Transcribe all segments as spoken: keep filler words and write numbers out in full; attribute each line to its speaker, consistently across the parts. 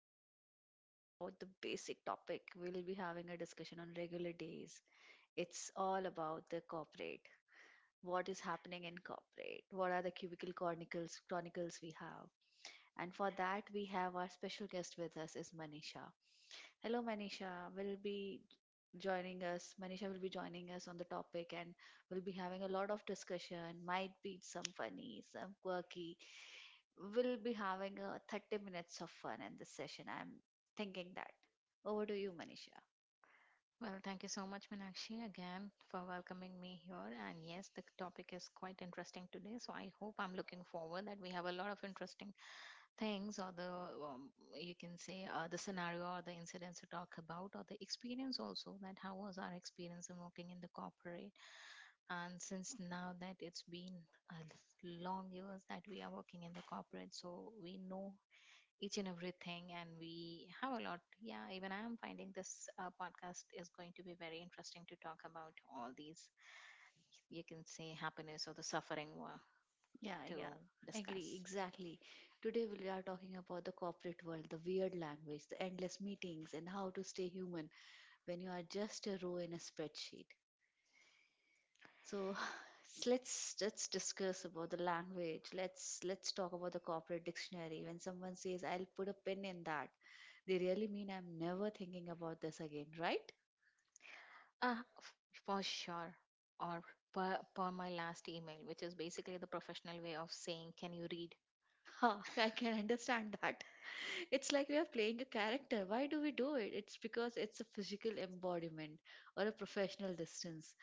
Speaker 1: we'll be talking about the basic topic. We'll be having a discussion on regular days. It's all about the corporate. What is happening in corporate? What are the cubicle chronicles chronicles we have? And for that we have our special guest with us is Manisha. Hello Manisha. Will be joining us. Manisha will be joining us on the topic and we'll be having a lot of discussion. Might be some funny, some quirky, we'll be having uh, thirty minutes of fun in this session. I'm thinking that. Over to you, Manisha.
Speaker 2: Well, thank you so much, Meenakshi, again for welcoming me here. And yes, the topic is quite interesting today. So I hope I'm looking forward that we have a lot of interesting things, or the um, you can say uh, the scenario or the incidents to talk about, or the experience also that how was our experience in working in the corporate. And since now that it's been a long years that we are working in the corporate, so we know each and everything and we have a lot, yeah, even i am finding this uh, podcast is going to be very interesting to talk about all these, you can say, happiness or the suffering were
Speaker 1: Yeah, yeah.
Speaker 2: to
Speaker 1: Agree,
Speaker 2: discuss.
Speaker 1: exactly. Today we are talking about the corporate world, the weird language, the endless meetings, and how to stay human when you are just a row in a spreadsheet. So let's let's discuss about the language. Let's let's talk about the corporate dictionary. When someone says I'll put a pin in that, they really mean I'm never thinking about this again, right?
Speaker 2: uh, f- for sure. Or per, per my last email, which is basically the professional way of saying can you read.
Speaker 1: Ha, I can understand that. It's like we are playing a character. Why do we do it? It's because it's a physical embodiment or a professional distance.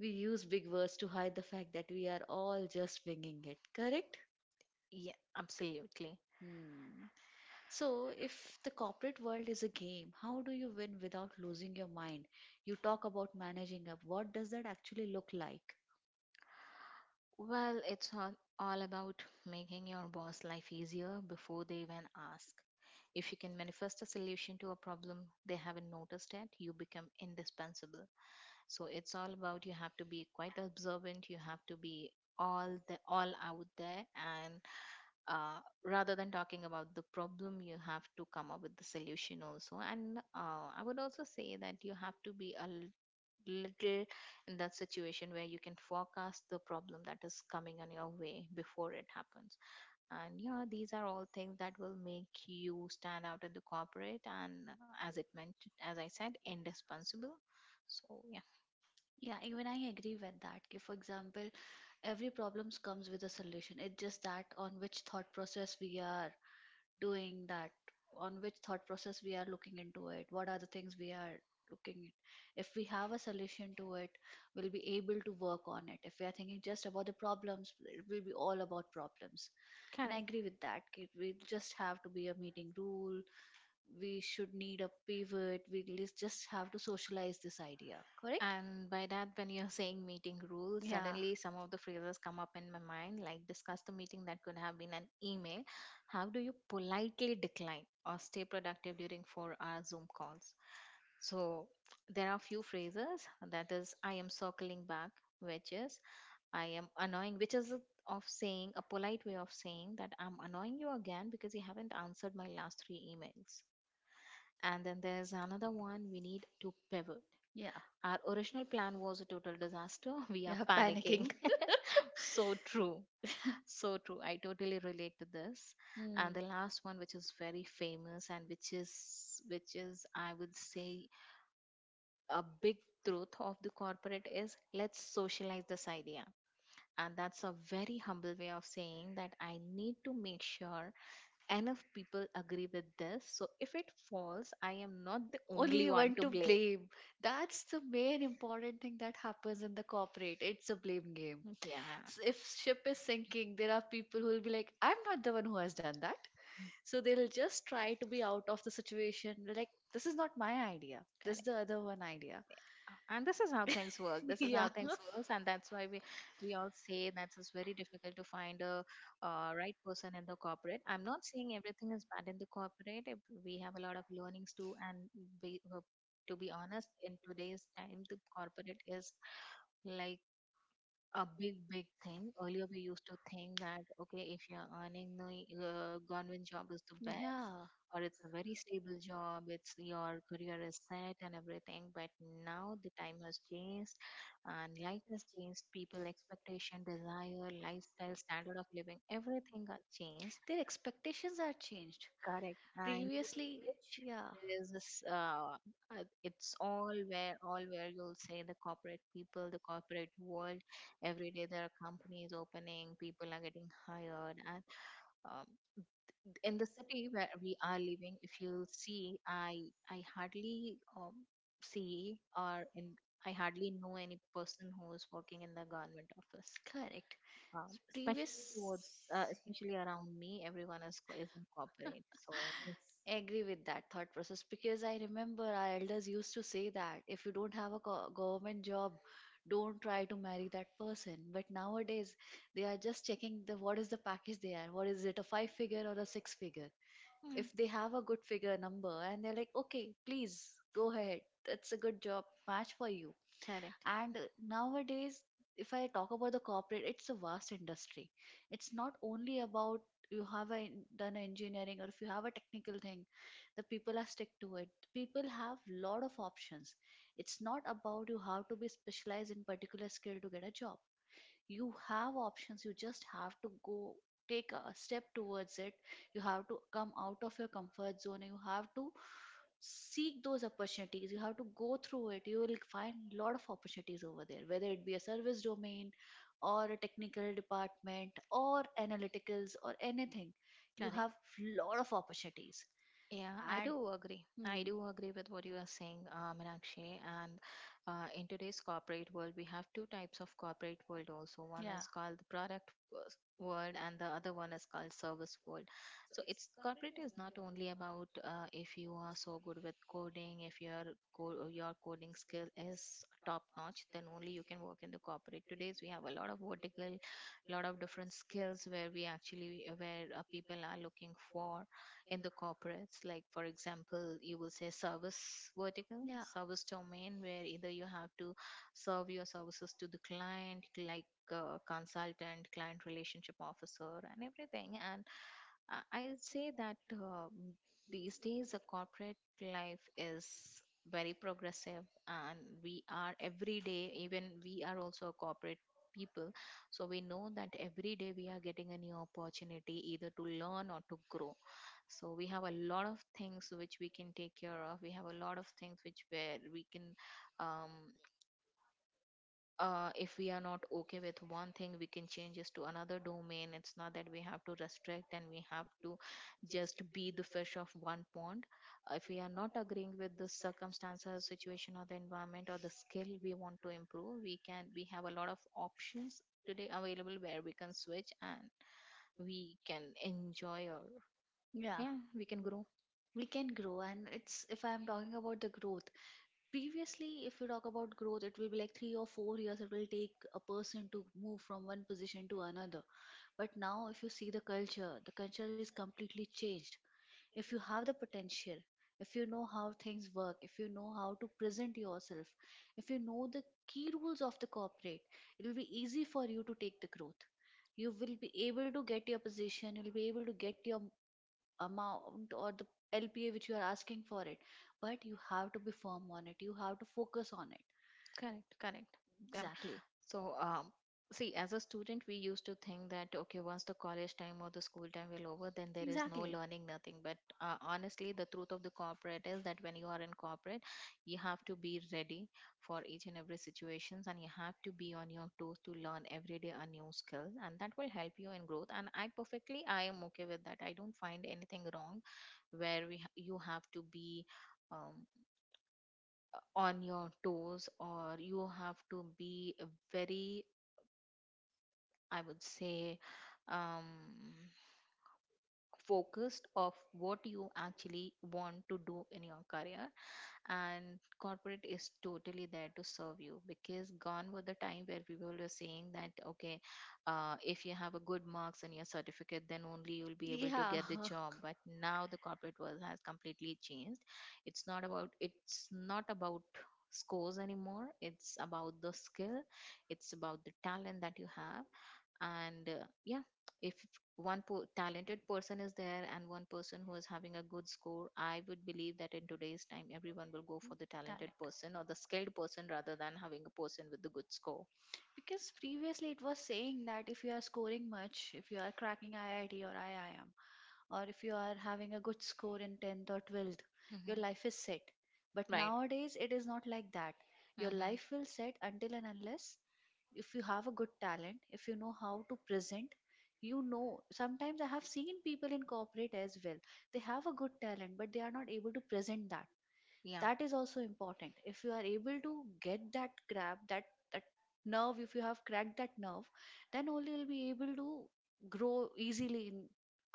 Speaker 1: We use big words to hide the fact that we are all just winging it, correct?
Speaker 2: Yeah, absolutely.
Speaker 1: Hmm. So, if the corporate world is a game, how do you win without losing your mind? You talk about managing up. What does that actually look like?
Speaker 2: Well, it's all, all about making your boss life easier before they even ask. If you can manifest a solution to a problem they haven't noticed yet, you become indispensable. So it's all about, you have to be quite observant, you have to be all the all out there, and uh, rather than talking about the problem you have to come up with the solution also. And uh, i would also say that you have to be a little in that situation where you can forecast the problem that is coming on your way before it happens. And yeah, these are all things that will make you stand out in the corporate. And uh, as it meant as i said, indispensable, so yeah.
Speaker 1: Yeah, even I agree with that. If, for example, every problems comes with a solution. It's just that on which thought process we are doing that, on which thought process we are looking into it, what are the things we are looking at? If we have a solution to it, we'll be able to work on it. If we are thinking just about the problems, it will be all about problems. And I
Speaker 2: Correct.
Speaker 1: agree with that ki we just have to be a meeting rule, we should need a pivot, we lis- just have to socialize this idea, correct?
Speaker 2: And by that, when you're saying meeting rules,
Speaker 1: Yeah
Speaker 2: suddenly some of the phrases come up in my mind, like discuss the meeting that could have been an email. How do you politely decline or stay productive during four hour Zoom calls? So there are few phrases that is, I am circling back, which is, I am annoying, which is a of saying a polite way of saying that I'm annoying you again because you haven't answered my last three emails. And then there's another one, we need to pivot.
Speaker 1: Yeah.
Speaker 2: Our
Speaker 1: Our
Speaker 2: original plan was a total disaster. We are
Speaker 1: We.
Speaker 2: panicking. So true. So true. I totally relate to this.
Speaker 1: Hmm.
Speaker 2: And the last one, which is very famous and which is, which is, I would say, a big truth of the corporate is, let's socialize this idea. And that's a very humble way of saying that I need to make sure enough people agree with this. So if it falls, I am not the only
Speaker 1: Only to
Speaker 2: one to
Speaker 1: blame.
Speaker 2: blame.
Speaker 1: blame. That's the main important thing that happens in the corporate. It's a blame game.
Speaker 2: Yeah.
Speaker 1: S- If ship is sinking, there are people who will be like, I'm not the one who has done that. So they'll just try to be out of the situation. Like, this is not my idea. This is
Speaker 2: Correct.
Speaker 1: the other one idea.
Speaker 2: And this is how things work. This is
Speaker 1: Yeah,
Speaker 2: how things work, and that's why we we all say that it's very difficult to find a uh, right person in the corporate. I'm not saying everything is bad in the corporate. If we have a lot of learnings too, and be, uh, to be honest, in today's time, the corporate is like a big big thing. Earlier we used to think that, okay, if you're earning, the uh, government job is the best,
Speaker 1: yeah.
Speaker 2: or it's a very stable job, it's your career is set and everything. But now the time has changed and life has changed. People expectation, desire, lifestyle, standard of living, everything got changed.
Speaker 1: Their expectations are changed
Speaker 2: Correct. And
Speaker 1: previously,
Speaker 2: which
Speaker 1: yeah.
Speaker 2: is this, uh, uh, it's all where all where you'll say the corporate people, the corporate world. Every day there are companies opening, people are getting hired, and um, in the city where we are living, if you see, i i hardly um, see, or in i hardly know any person who is working in the government office,
Speaker 1: Correct.
Speaker 2: um, especially towards
Speaker 1: Previous.
Speaker 2: uh, especially around me, everyone is, co- is in corporate, so.
Speaker 1: Agree with that thought process because I remember our elders used to say that if you don't have a go- government job, don't try to marry that person. But nowadays, they are just checking the what is the package they are. What is it, a five figure or a six figure?
Speaker 2: Hmm.
Speaker 1: If they have a good figure number and they're like, okay, please go ahead. That's a good job match for you.
Speaker 2: Correct.
Speaker 1: And uh, nowadays, if I talk about the corporate, it's a vast industry. It's not only about you have a, done a engineering or if you have a technical thing, the people are stick to it. People have lot of options. It's not about you have to be specialized in particular skill to get a job. You have options, you just have to go, take a step towards it. You have to come out of your comfort zone and you have to seek those opportunities. You have to go through it. You will find a lot of opportunities over there, whether it be a service domain or a technical department or analyticals or anything. You
Speaker 2: Correct.
Speaker 1: have lot of opportunities.
Speaker 2: Yeah, I
Speaker 1: And
Speaker 2: do agree. I
Speaker 1: hmm,
Speaker 2: do agree with what you are saying, uh, Meenakshi. And uh, in today's corporate world, we have two types of corporate world also. One
Speaker 1: yeah.
Speaker 2: is called the product w- world, and the other one is called service world. So it's, corporate is not only about, uh, if you are so good with coding, if your co- your coding skill is top notch, then only you can work in the corporate. Today's we have a lot of vertical, lot of different skills where we actually where uh, people are looking for in the corporates. Like, for example, you will say service vertical,
Speaker 1: Yeah.
Speaker 2: service domain, where either you have to serve your services to the client, like uh, consultant, client relationship officer, and everything. And uh, I- I'll say that um, these days the corporate life is very progressive, and we are every day, even we are also a corporate people. So we know that every day we are getting a new opportunity either to learn or to grow. So we have a lot of things which we can take care of. We have a lot of things which, where we can um, uh, if we are not okay with one thing, we can change this to another domain. It's not that we have to restrict and we have to just be the fish of one pond. If we are not agreeing with the circumstances, situation, or the environment or the skill we want to improve, we can we have a lot of options today available where we can switch and we can enjoy, or
Speaker 1: You. Yeah.
Speaker 2: yeah, we can grow.
Speaker 1: We can grow. And it's, if I'm talking about the growth, previously if you talk about growth, it will be like three or four years it will take a person to move from one position to another. But now if you see the culture, the culture is completely changed. If you have the potential, if you know how things work, if you know how to present yourself, if you know the key rules of the corporate, it will be easy for you to take the growth. You will be able to get your position, you'll be able to get your amount or the lpa which you are asking for it. But you have to be firm on it, you have to focus on it.
Speaker 2: Correct, correct.
Speaker 1: Exactly.
Speaker 2: So, um, see, as a student, we used to think that, okay, once the college time or the school time will over, then there is no learning, nothing. But uh, honestly, the truth of the corporate is that when you are in corporate, you have to be ready for each and every situations, and you have to be on your toes to learn every day a new skill, and that will help you in growth. And I perfectly, I am okay with that. I don't find anything wrong where we ha- you have to be um, on your toes, or you have to be very, I would say, um, focused of what you actually want to do in your career. And corporate is totally there to serve you, because gone were the time where people were saying that, okay, uh, if you have a good marks in your certificate, then only you'll be
Speaker 1: You.
Speaker 2: able to get the job. But now the corporate world has completely changed. It's not about, it's not about scores anymore, it's about the skill, it's about the talent that you have. And uh, yeah, if one po- talented person is there and one person who is having a good score, i would believe that in today's time everyone will go for the talented person or the skilled person rather than having a person with the good score.
Speaker 1: Because previously it was saying that if you are scoring much, if you are cracking I I T or I I M, or if you are having a good score in tenth or twelfth, your
Speaker 2: Mhm.
Speaker 1: life is set. But right,
Speaker 2: Right.
Speaker 1: nowadays, it is not like that. Your
Speaker 2: Mhm.
Speaker 1: life will set until and unless, if you have a good talent, if you know how to present, you know. Sometimes I have seen people in corporate as well. They have a good talent, but they are not able to present that.
Speaker 2: Yeah.
Speaker 1: Yeah. That is also important, if you are able to get that, grab that, that nerve, if you have cracked that nerve, then only you'll be able to grow easily in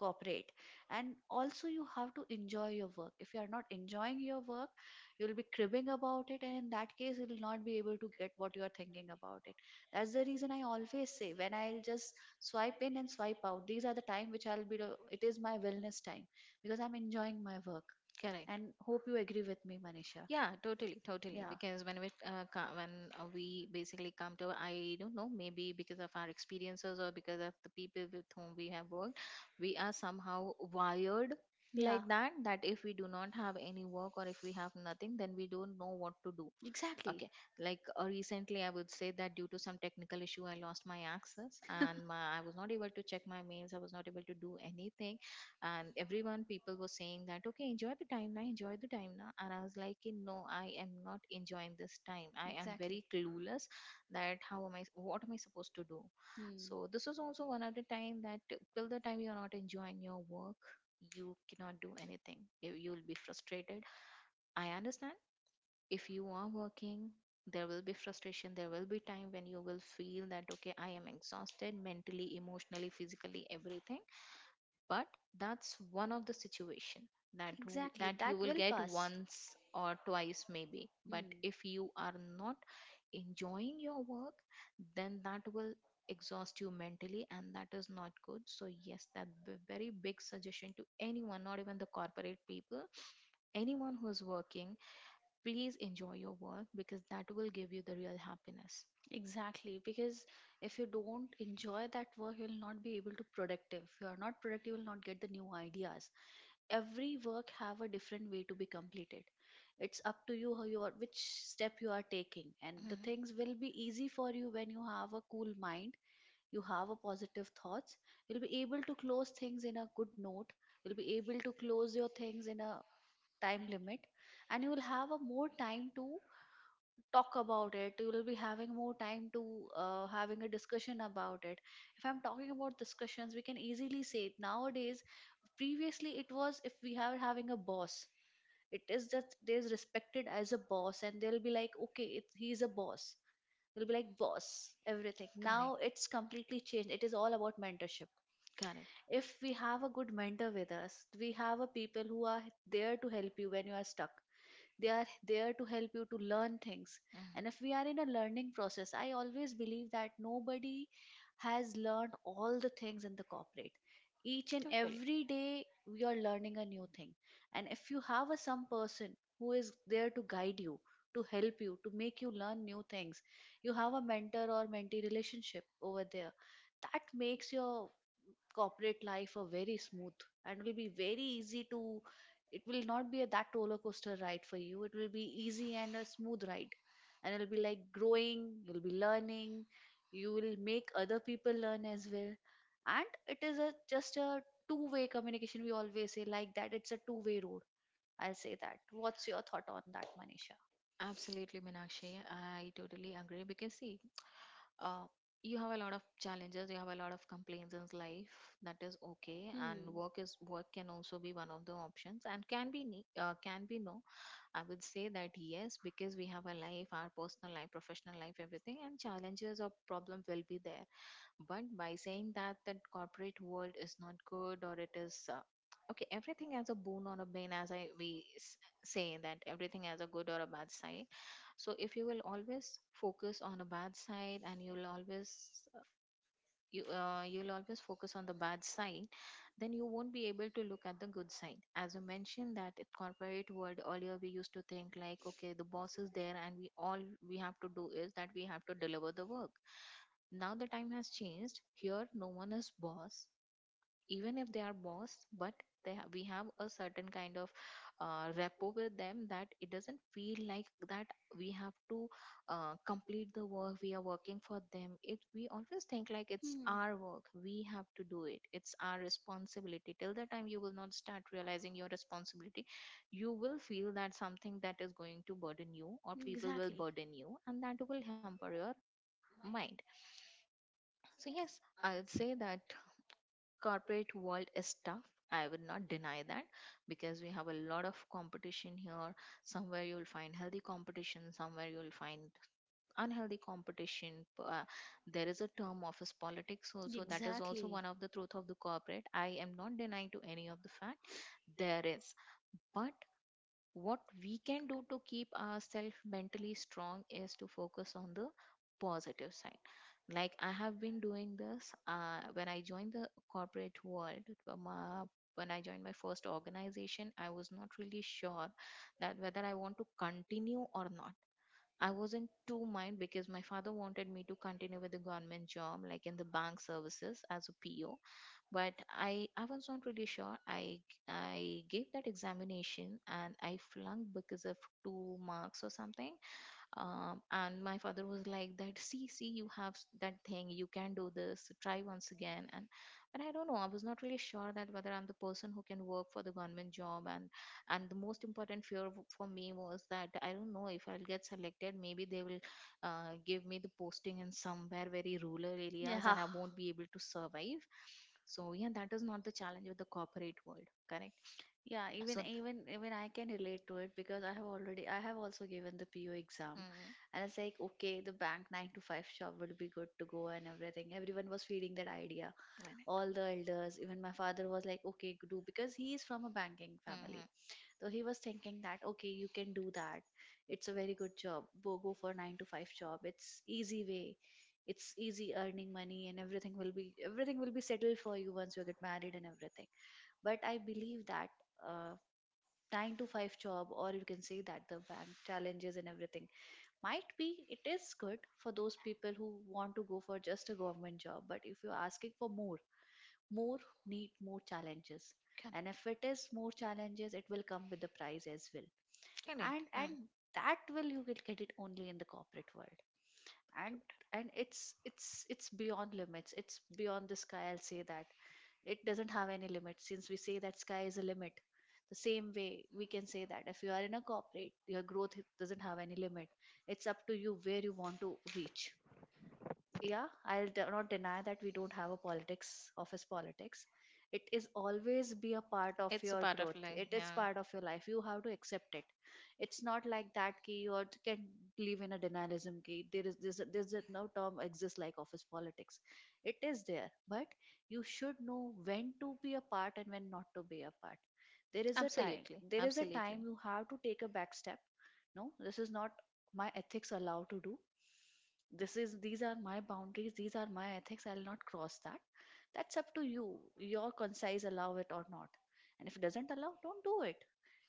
Speaker 1: corporate. And also you have to enjoy your work. If you are not enjoying your work, you'll be cribbing about it, and in that case you will not be able to get what you are thinking about it. That's the reason I always say, when I'll just swipe in and swipe out, these are the time which I'll be do- it is my wellness time, because I'm enjoying my work.
Speaker 2: Correct.
Speaker 1: And hope you agree with me, Manisha.
Speaker 2: Yeah, totally, totally.
Speaker 1: Yeah.
Speaker 2: Because when we uh, co- when uh, we basically come to, I don't know, maybe because of our experiences or because of the people with whom we have worked, we are somehow wired
Speaker 1: Yeah.
Speaker 2: like that. That if we do not have any work or if we have nothing, then we don't know what to do.
Speaker 1: Exactly.
Speaker 2: Okay. Like, uh, recently, I would say that due to some technical issue, I lost my access and my, I was not able to check my mails. I was not able to do anything. And everyone, people were saying that, okay, enjoy the time now, enjoy the time now. And I was like, "Eh, no, I am not enjoying this time. I am
Speaker 1: Exactly.
Speaker 2: very clueless that how am I, what am I supposed to do?
Speaker 1: Hmm.
Speaker 2: So this is also one of the time that till the time you are not enjoying your work, you cannot do anything. You, you will be frustrated. I understand, if you are working there will be frustration, there will be time when you will feel that, okay, I am exhausted mentally, emotionally, physically, everything. But that's one of the situation that w- that you will get once or twice maybe. But
Speaker 1: Hmm.
Speaker 2: if you are not enjoying your work, then that will exhaust you mentally, and that is not good. So yes, that b- very big suggestion to anyone, not even the corporate people, anyone who is working, please enjoy your work, because that will give you the real happiness.
Speaker 1: Exactly, because if you don't enjoy that work, you'll not be able to productive. If you are not productive, you'll not get the new ideas. Every work have a different way to be completed. It's up to you how you are, which step you are taking, and
Speaker 2: Mhm.
Speaker 1: the things will be easy for you when you have a cool mind, you have a positive thoughts, you'll be able to close things in a good note, you'll be able to close your things in a time limit, and you will have a more time to talk about it, you will be having more time to uh, having a discussion about it. If I'm talking about discussions, we can easily say it. Nowadays, previously it was, if we are having a boss, it is just there's respected as a boss and they'll be like, okay, it's, he's a boss, you'll be like boss everything.
Speaker 2: Correct.
Speaker 1: Now it's completely changed, it is all about mentorship.
Speaker 2: Correct.
Speaker 1: If we have a good mentor with us, we have a people who are there to help you when you are stuck, they are there to help you to learn things. And if we
Speaker 2: Mhm.
Speaker 1: are in a learning process, I always believe that nobody has learned all the things in the corporate. Each and
Speaker 2: Totally.
Speaker 1: every day, we are learning a new thing. And if you have a, some person who is there to guide you, to help you, to make you learn new things, you have a mentor or mentee relationship over there. That makes your corporate life a very smooth and will be very easy to, it will not be a, that roller coaster ride for you, it will be easy and a smooth ride. And it'll be like growing, you'll be learning, you will make other people learn as well. And it is a just a two way communication, we always say like that, it's a two way road. I'll say that, what's your thought on that, Manisha?
Speaker 2: Absolutely, Meenakshi. I totally agree because see, uh, you have a lot of challenges, you have a lot of complaints in life. That is okay, and
Speaker 1: Hmm.
Speaker 2: work is work can also be one of the options and can be ne- uh, can be no. I would say that yes, because we have a life, our personal life, professional life, everything, and challenges or problems will be there. But by saying that the corporate world is not good or it is uh, okay, everything has a boon or a bane. As i we s- say, that everything has a good or a bad side. So if you will always focus on a bad side, and you'll always uh, you uh, you'll always focus on the bad side, then you won't be able to look at the good side. As you mentioned that in corporate world, earlier we used to think like, okay, the boss is there and we all we have to do is that we have to deliver the work. Now the time has changed. Here, no one is boss, even if they are boss, but they ha- we have a certain kind of uh, rapport with them that it doesn't feel like that we have to uh, complete the work. We are working for them, it, we always think like it's our work, we have to do it, it's our responsibility. Till the time you will not start realizing your responsibility, you will feel that something that is going to burden you or people will burden you, and that will hamper your mind. So yes, I would say that corporate world is tough. I would not deny that because we have a lot of competition here. Somewhere you will find healthy competition, somewhere you will find unhealthy competition. P- Uh, there is a term office politics also. That is also one of the truth of the corporate. I am not denying to any of the fact there is, but what we can do to keep ourselves mentally strong is to focus on the positive side. Like I have been doing this uh, when I joined the corporate world. um, uh, when I joined my first organization, I was not really sure that whether I want to continue or not. I wasn't too mind because my father wanted me to continue with the government job, like in the bank services as a P O. But I, I was not really sure. I, I gave that examination and I flunked because of two marks or something. Um, and my father was like that, see, see, you have s- that thing, you can do this, try once again. And but I don't know, I was not really sure that whether I'm the person who can work for the government job. and and the most important fear w- for me was that I don't know if I'll get selected. Maybe they will uh, give me the posting in somewhere very rural areas and I won't be able to survive. So yeah, that is not the challenge with the corporate world, correct?
Speaker 1: Yeah, even
Speaker 2: So
Speaker 1: even even I can relate to it because I have already, I have also given the P O exam, and it's like, okay, the bank nine to five job would be good to go and everything. Everyone was feeding that idea.
Speaker 2: mm,
Speaker 1: All the elders, even my father was like, okay, do, because he is from a banking
Speaker 2: mm-hmm.
Speaker 1: family, so he was thinking that, okay, you can do that. It's a very good job. Go go for nine to five job. It's easy way. It's easy earning money and everything will be, everything will be settled for you once you get married and everything. But I believe that. uh Nine to five job, or you can say that the bank challenges and everything, might be it is good for those people who want to go for just a government job, but if you're asking for more, more need more challenges. And
Speaker 2: Correct.
Speaker 1: if it is more challenges, it will come with the price as well.
Speaker 2: Correct.
Speaker 1: and
Speaker 2: Yeah.
Speaker 1: and that will, you will get it only in the corporate world. and and it's it's it's beyond limits, it's beyond the sky, I'll say that. It doesn't have any limit. Since we say that sky is a limit, the same way we can say that if you are in a corporate, your growth doesn't have any limit. It's up to you where you want to reach. Yeah, i'll de- not deny that we don't have a politics, office politics. It is always be a part of
Speaker 2: It's a
Speaker 1: your
Speaker 2: part of
Speaker 1: growth,
Speaker 2: life.
Speaker 1: it is
Speaker 2: Yeah.
Speaker 1: part of your life, you have to accept it. It's not like that ki you are- can live in a denialism ki there is this a- there's a- no term exists like office politics. It is there. But you should know when to be a part and when not to be a part. there is a time
Speaker 2: Absolutely.
Speaker 1: there is a
Speaker 2: Absolutely.
Speaker 1: time you have to take a back step. No, this is not my ethics allow to do. This is These are my boundaries, these are my ethics, I'll not cross that. That's up to you, your conscience allow it or not. And if it doesn't allow, don't do it.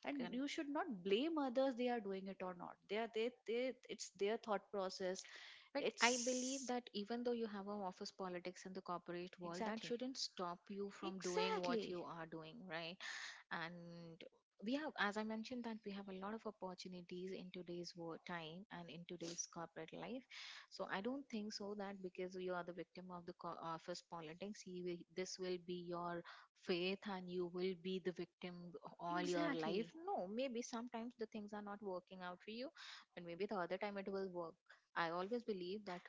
Speaker 1: And
Speaker 2: Correct.
Speaker 1: you should not blame others they are doing it or not. They are they, they it's their thought process.
Speaker 2: But
Speaker 1: I- I
Speaker 2: I believe
Speaker 1: it's
Speaker 2: that even though you have an office politics in the corporate world, that
Speaker 1: exactly,
Speaker 2: shouldn't stop you from doing what
Speaker 1: exactly,
Speaker 2: you are doing, right? And we have, as I mentioned, that we have a lot of opportunities in today's war time and in today's corporate life. So I don't think so that because you are the victim of the co- office politics, you will, this will be your faith and you will be the victim all your life.
Speaker 1: exactly.
Speaker 2: No, maybe sometimes the things are not working out for you, but maybe the other time it will work. I always believe that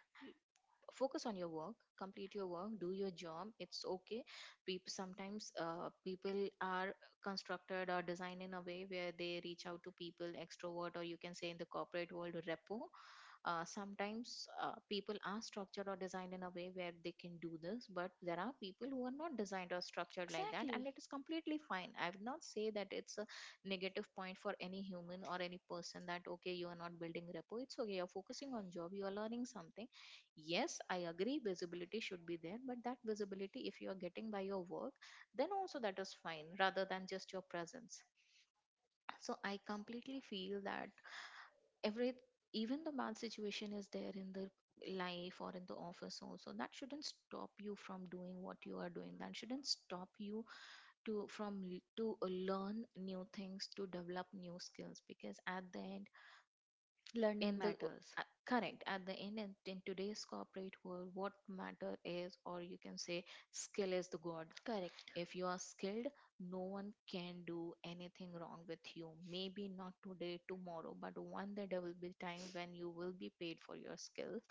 Speaker 2: focus on your work, complete your work, do your job, it's okay. People sometimes uh, people are constructed or designed in a way where they reach out to people, extrovert, or you can say in the corporate world, repo. Uh, sometimes uh, people are structured or designed in a way where they can do this, but there are people who are not designed or structured like that, and it is completely fine. I would not say that it's a negative point for any human or any person that, okay, you are not building repo. It's okay, you're focusing on job, you are learning something. Yes, I agree, visibility should be there, but that visibility, if you are getting by your work, then also that is fine rather than just your presence. So I completely feel that every, even the bad situation is there in the life or in the office also, that shouldn't stop you from doing what you are doing, that shouldn't stop you to from l- to uh, learn new things, to develop new skills, because at the end,
Speaker 1: Learning
Speaker 2: in the
Speaker 1: matters.
Speaker 2: uh, correct, at the end and in today's corporate world, what matter is, or you can say, skill is the god.
Speaker 1: Correct. So
Speaker 2: If you are skilled, no one can do anything wrong with you. Maybe not today, tomorrow, but one day there will be time when you will be paid for your skills,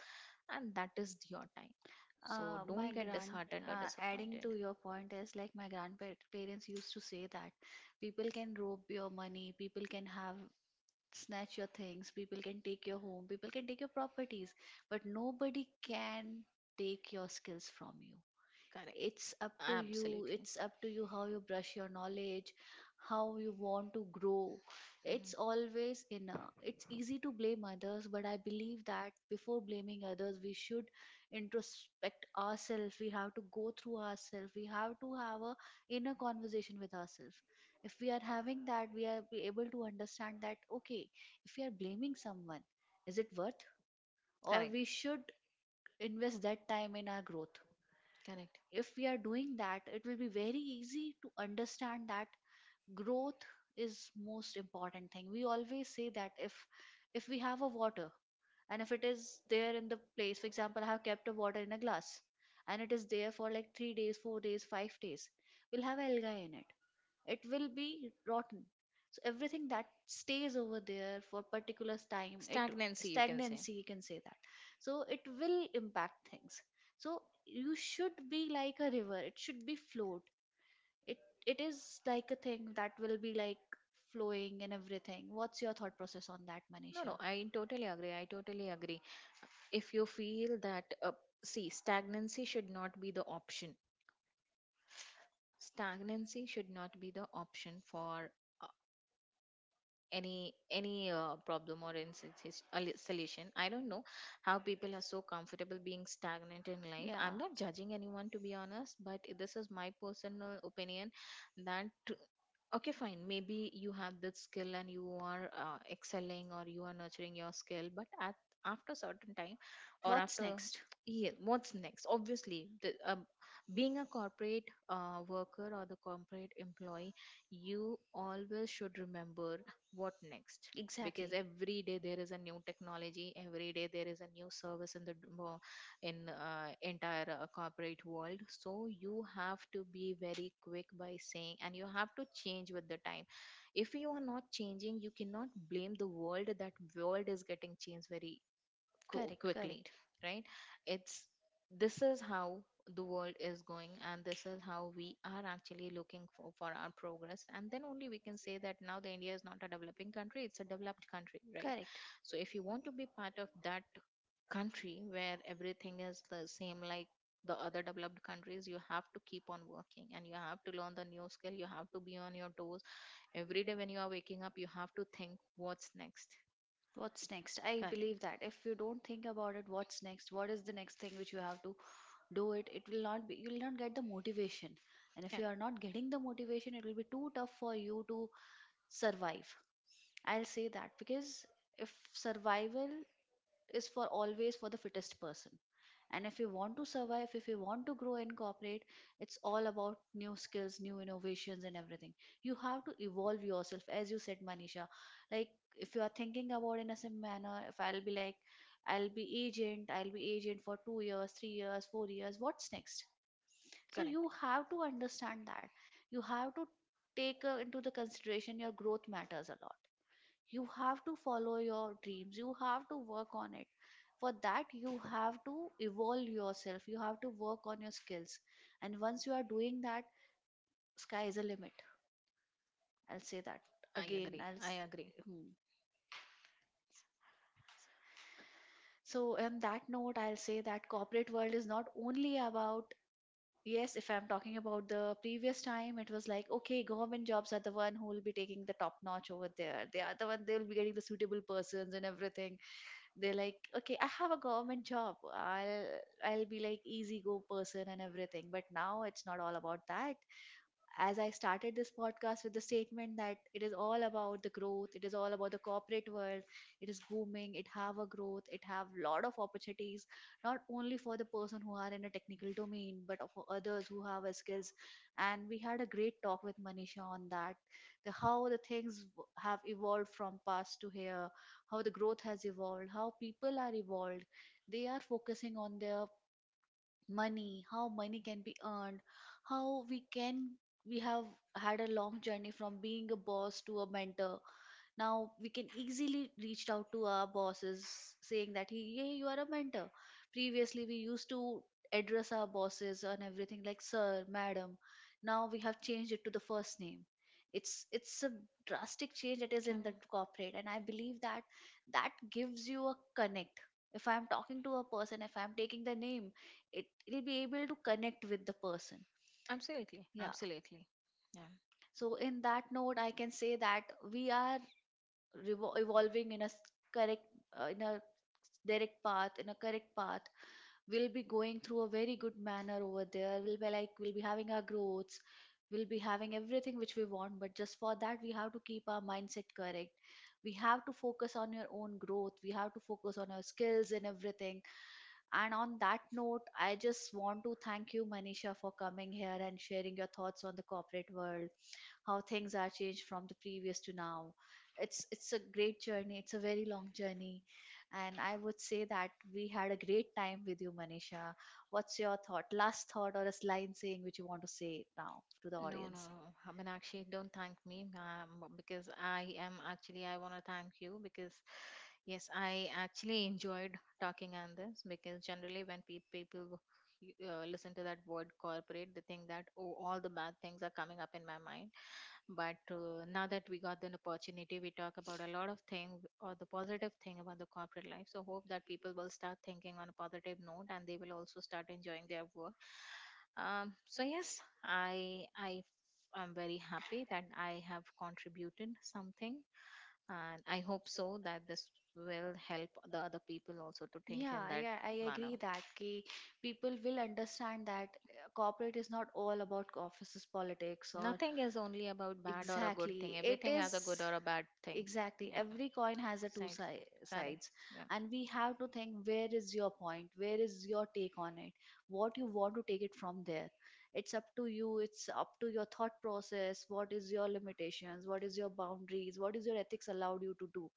Speaker 2: and that is your time. So don't get disheartened or disappointed.
Speaker 1: your point is like my grandparents used to say that people can rob your money, people can have snatch your things, people can take your home, people can take your properties, but nobody can take your skills from you.
Speaker 2: Correct.
Speaker 1: It's up to you,
Speaker 2: Absolutely.
Speaker 1: it's up to you how you brush your knowledge, how you want to grow.
Speaker 2: Mhm.
Speaker 1: It's always in a, It's easy to blame others, but I believe that before blaming others, we should introspect ourselves, we have to go through ourselves, we have to have a inner conversation with ourselves. If we are having that, we are be able to understand that, okay, if we are blaming someone, is it worth, or
Speaker 2: Correct.
Speaker 1: we should invest that time in our growth.
Speaker 2: Correct.
Speaker 1: If we are doing that, it will be very easy to understand that growth is most important thing. We always say that if if we have a water, and if it is there in the place, for example, I have kept a water in a glass, and it is there for like three days, four days, five days, we'll have algae in it, it will be rotten. So everything that stays over there for particular time, it,
Speaker 2: Stagnancy, you can say.
Speaker 1: stagnancy, you can say that. So it will impact things. So you should be like a river, it should be flowed. it it is like a thing that will be like flowing and everything. What's your thought process on that,
Speaker 2: No,
Speaker 1: Manisha?
Speaker 2: no, I totally agree. I totally agree. If you feel that, uh, see, stagnancy should not be the option. Stagnancy should not be the option for any any uh, problem or any s- s- a li- solution. I don't know how people are so comfortable being stagnant in life.
Speaker 1: Yeah,
Speaker 2: I'm not judging anyone, to be honest, but this is my personal opinion that, okay, fine, maybe you have that skill and you are uh, excelling or you are nurturing your skill, but at, after certain time, or
Speaker 1: what's
Speaker 2: after,
Speaker 1: next?
Speaker 2: yeah, what's next? Obviously, the, um, being a corporate uh, worker or the corporate employee, you always should remember, what next? Because
Speaker 1: Exactly.
Speaker 2: every day there is a new technology, every day there is a new service in the d- wo- in uh, entire uh, corporate world. So you have to be very quick by saying, and you have to change with the time. If you are not changing, you cannot blame the world that world is getting changed very qu-
Speaker 1: Correct,
Speaker 2: quickly,
Speaker 1: correct.
Speaker 2: right? It's, this is how the world is going, and this is how we are actually looking for for our progress, and then only we can say that now the India is not a developing country, it's a developed country, right?
Speaker 1: Correct.
Speaker 2: So if you want to be part of that country where everything is the same like the other developed countries, you have to keep on working, and you have to learn the new skill, you have to be on your toes. Every day when you are waking up, you have to think, what's next?
Speaker 1: What's next? I
Speaker 2: Correct.
Speaker 1: believe that if you don't think about it, what's next? What is the next thing which you have to do it? It will not be, you will not get the motivation. And if
Speaker 2: Yeah,
Speaker 1: you are not getting the motivation, it will be too tough for you to survive. I'll say that, because if survival is for always for the fittest person. And if you want to survive, if you want to grow and cooperate, it's all about new skills, new innovations, and everything. You have to evolve yourself, as you said, Manisha. Like if you are thinking about in a same manner, if I'll be like, I'll be agent, I'll be agent for two years, three years, four years. What's next? So
Speaker 2: correct.
Speaker 1: you have to understand that. You have to take uh, into the consideration, your growth matters a lot. You have to follow your dreams, you have to work on it. For that you have to evolve yourself, you have to work on your skills. And once you are doing that, sky is a limit, I'll say that.
Speaker 2: I
Speaker 1: again
Speaker 2: agree.
Speaker 1: i'll
Speaker 2: I
Speaker 1: s-
Speaker 2: agree.
Speaker 1: hmm. So on that note, I'll say that corporate world is not only about, yes, if I'm talking about the previous time, it was like, okay, government jobs are the one who will be taking the top notch over there. They are the one, they'll be getting the suitable persons and everything. They're like, okay, I have a government job, i'll I'll be like easy go person and everything. But now it's not all about that. As I started this podcast with the statement that it is all about the growth, it is all about the corporate world, it is booming, it have a growth, it have lot of opportunities, not only for the person who are in a technical domain, but for others who have a skills. And we had a great talk with Manisha on that, the how the things w- have evolved from past to here, how the growth has evolved, how people are evolved. They are focusing on their money, how money can be earned, how we can, we have had a long journey from being a boss to a mentor. Now we can easily reach out to our bosses saying that, hey, yeah, you are a mentor. Previously we used to address our bosses on everything like sir, madam. Now we have changed it to the first name. It's it's a drastic change that is
Speaker 2: Can.
Speaker 1: in the corporate, and I believe that that gives you a connect. If I'm talking to a person, if I'm taking the name, it will be able to connect with the person.
Speaker 2: Absolutely.
Speaker 1: Yeah.
Speaker 2: Absolutely. Yeah.
Speaker 1: So in that note, I can say that we are revo- evolving in a s- correct, uh, in a direct path, in a correct path. We'll be going through a very good manner over there. We'll be like we'll be having our growths, we'll be having everything which we want. But just for that we have to keep our mindset correct. We have to focus on your own growth, we have to focus on our skills and everything. And on that note, I just want to thank you, Manisha, for coming here and sharing your thoughts on the corporate world, how things are changed from the previous to now. It's it's a great journey, it's a very long journey. And I would say that we had a great time with you, Manisha. What's your thought, last thought or a line saying which you want to say now to the
Speaker 2: No, no,
Speaker 1: audience?
Speaker 2: no. I mean, actually, don't thank me, um, because I am actually, I want to thank you, because yes, I actually enjoyed talking on this, because generally when pe- people uh, listen to that word corporate, they think that, oh, all the bad things are coming up in my mind. But uh, now that we got an opportunity, we talk about a lot of things or the positive thing about the corporate life. So hope that people will start thinking on a positive note, and they will also start enjoying their work. Um, so yes, I I I'm very happy that I have contributed something, and I hope so that this will help the other people also to think
Speaker 1: Yeah,
Speaker 2: in that
Speaker 1: I, I I
Speaker 2: manner.
Speaker 1: agree that ki people will understand that uh, corporate is not all about offices politics that. Or
Speaker 2: Nothing is only about bad or a good thing,
Speaker 1: exactly it
Speaker 2: everything
Speaker 1: is
Speaker 2: has a good
Speaker 1: a
Speaker 2: or a bad
Speaker 1: bad,
Speaker 2: thing.
Speaker 1: exactly
Speaker 2: Yeah,
Speaker 1: every coin has a two
Speaker 2: side.
Speaker 1: si
Speaker 2: Correct.
Speaker 1: sides.
Speaker 2: Yeah.
Speaker 1: And we have to think, where is your point, where is your take on it, what you want to take it from there. It's up to you, it's up to your thought process, what is your limitations, what is your boundaries, what is your ethics allowed you to do.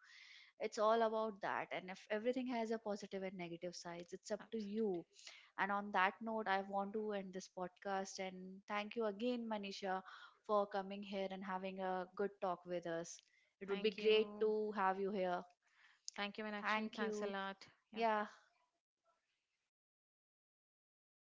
Speaker 1: It's all about that. And if everything has a positive and negative sides, it's up to you. And on that note, I want to end this podcast and thank you again, Manisha, for coming here and having a good talk with us. It would be
Speaker 2: Thank you.
Speaker 1: great to have you here.
Speaker 2: Thank you, Meenakshi,
Speaker 1: Thank
Speaker 2: thanks a
Speaker 1: you.
Speaker 2: lot. Yeah.
Speaker 1: Yeah.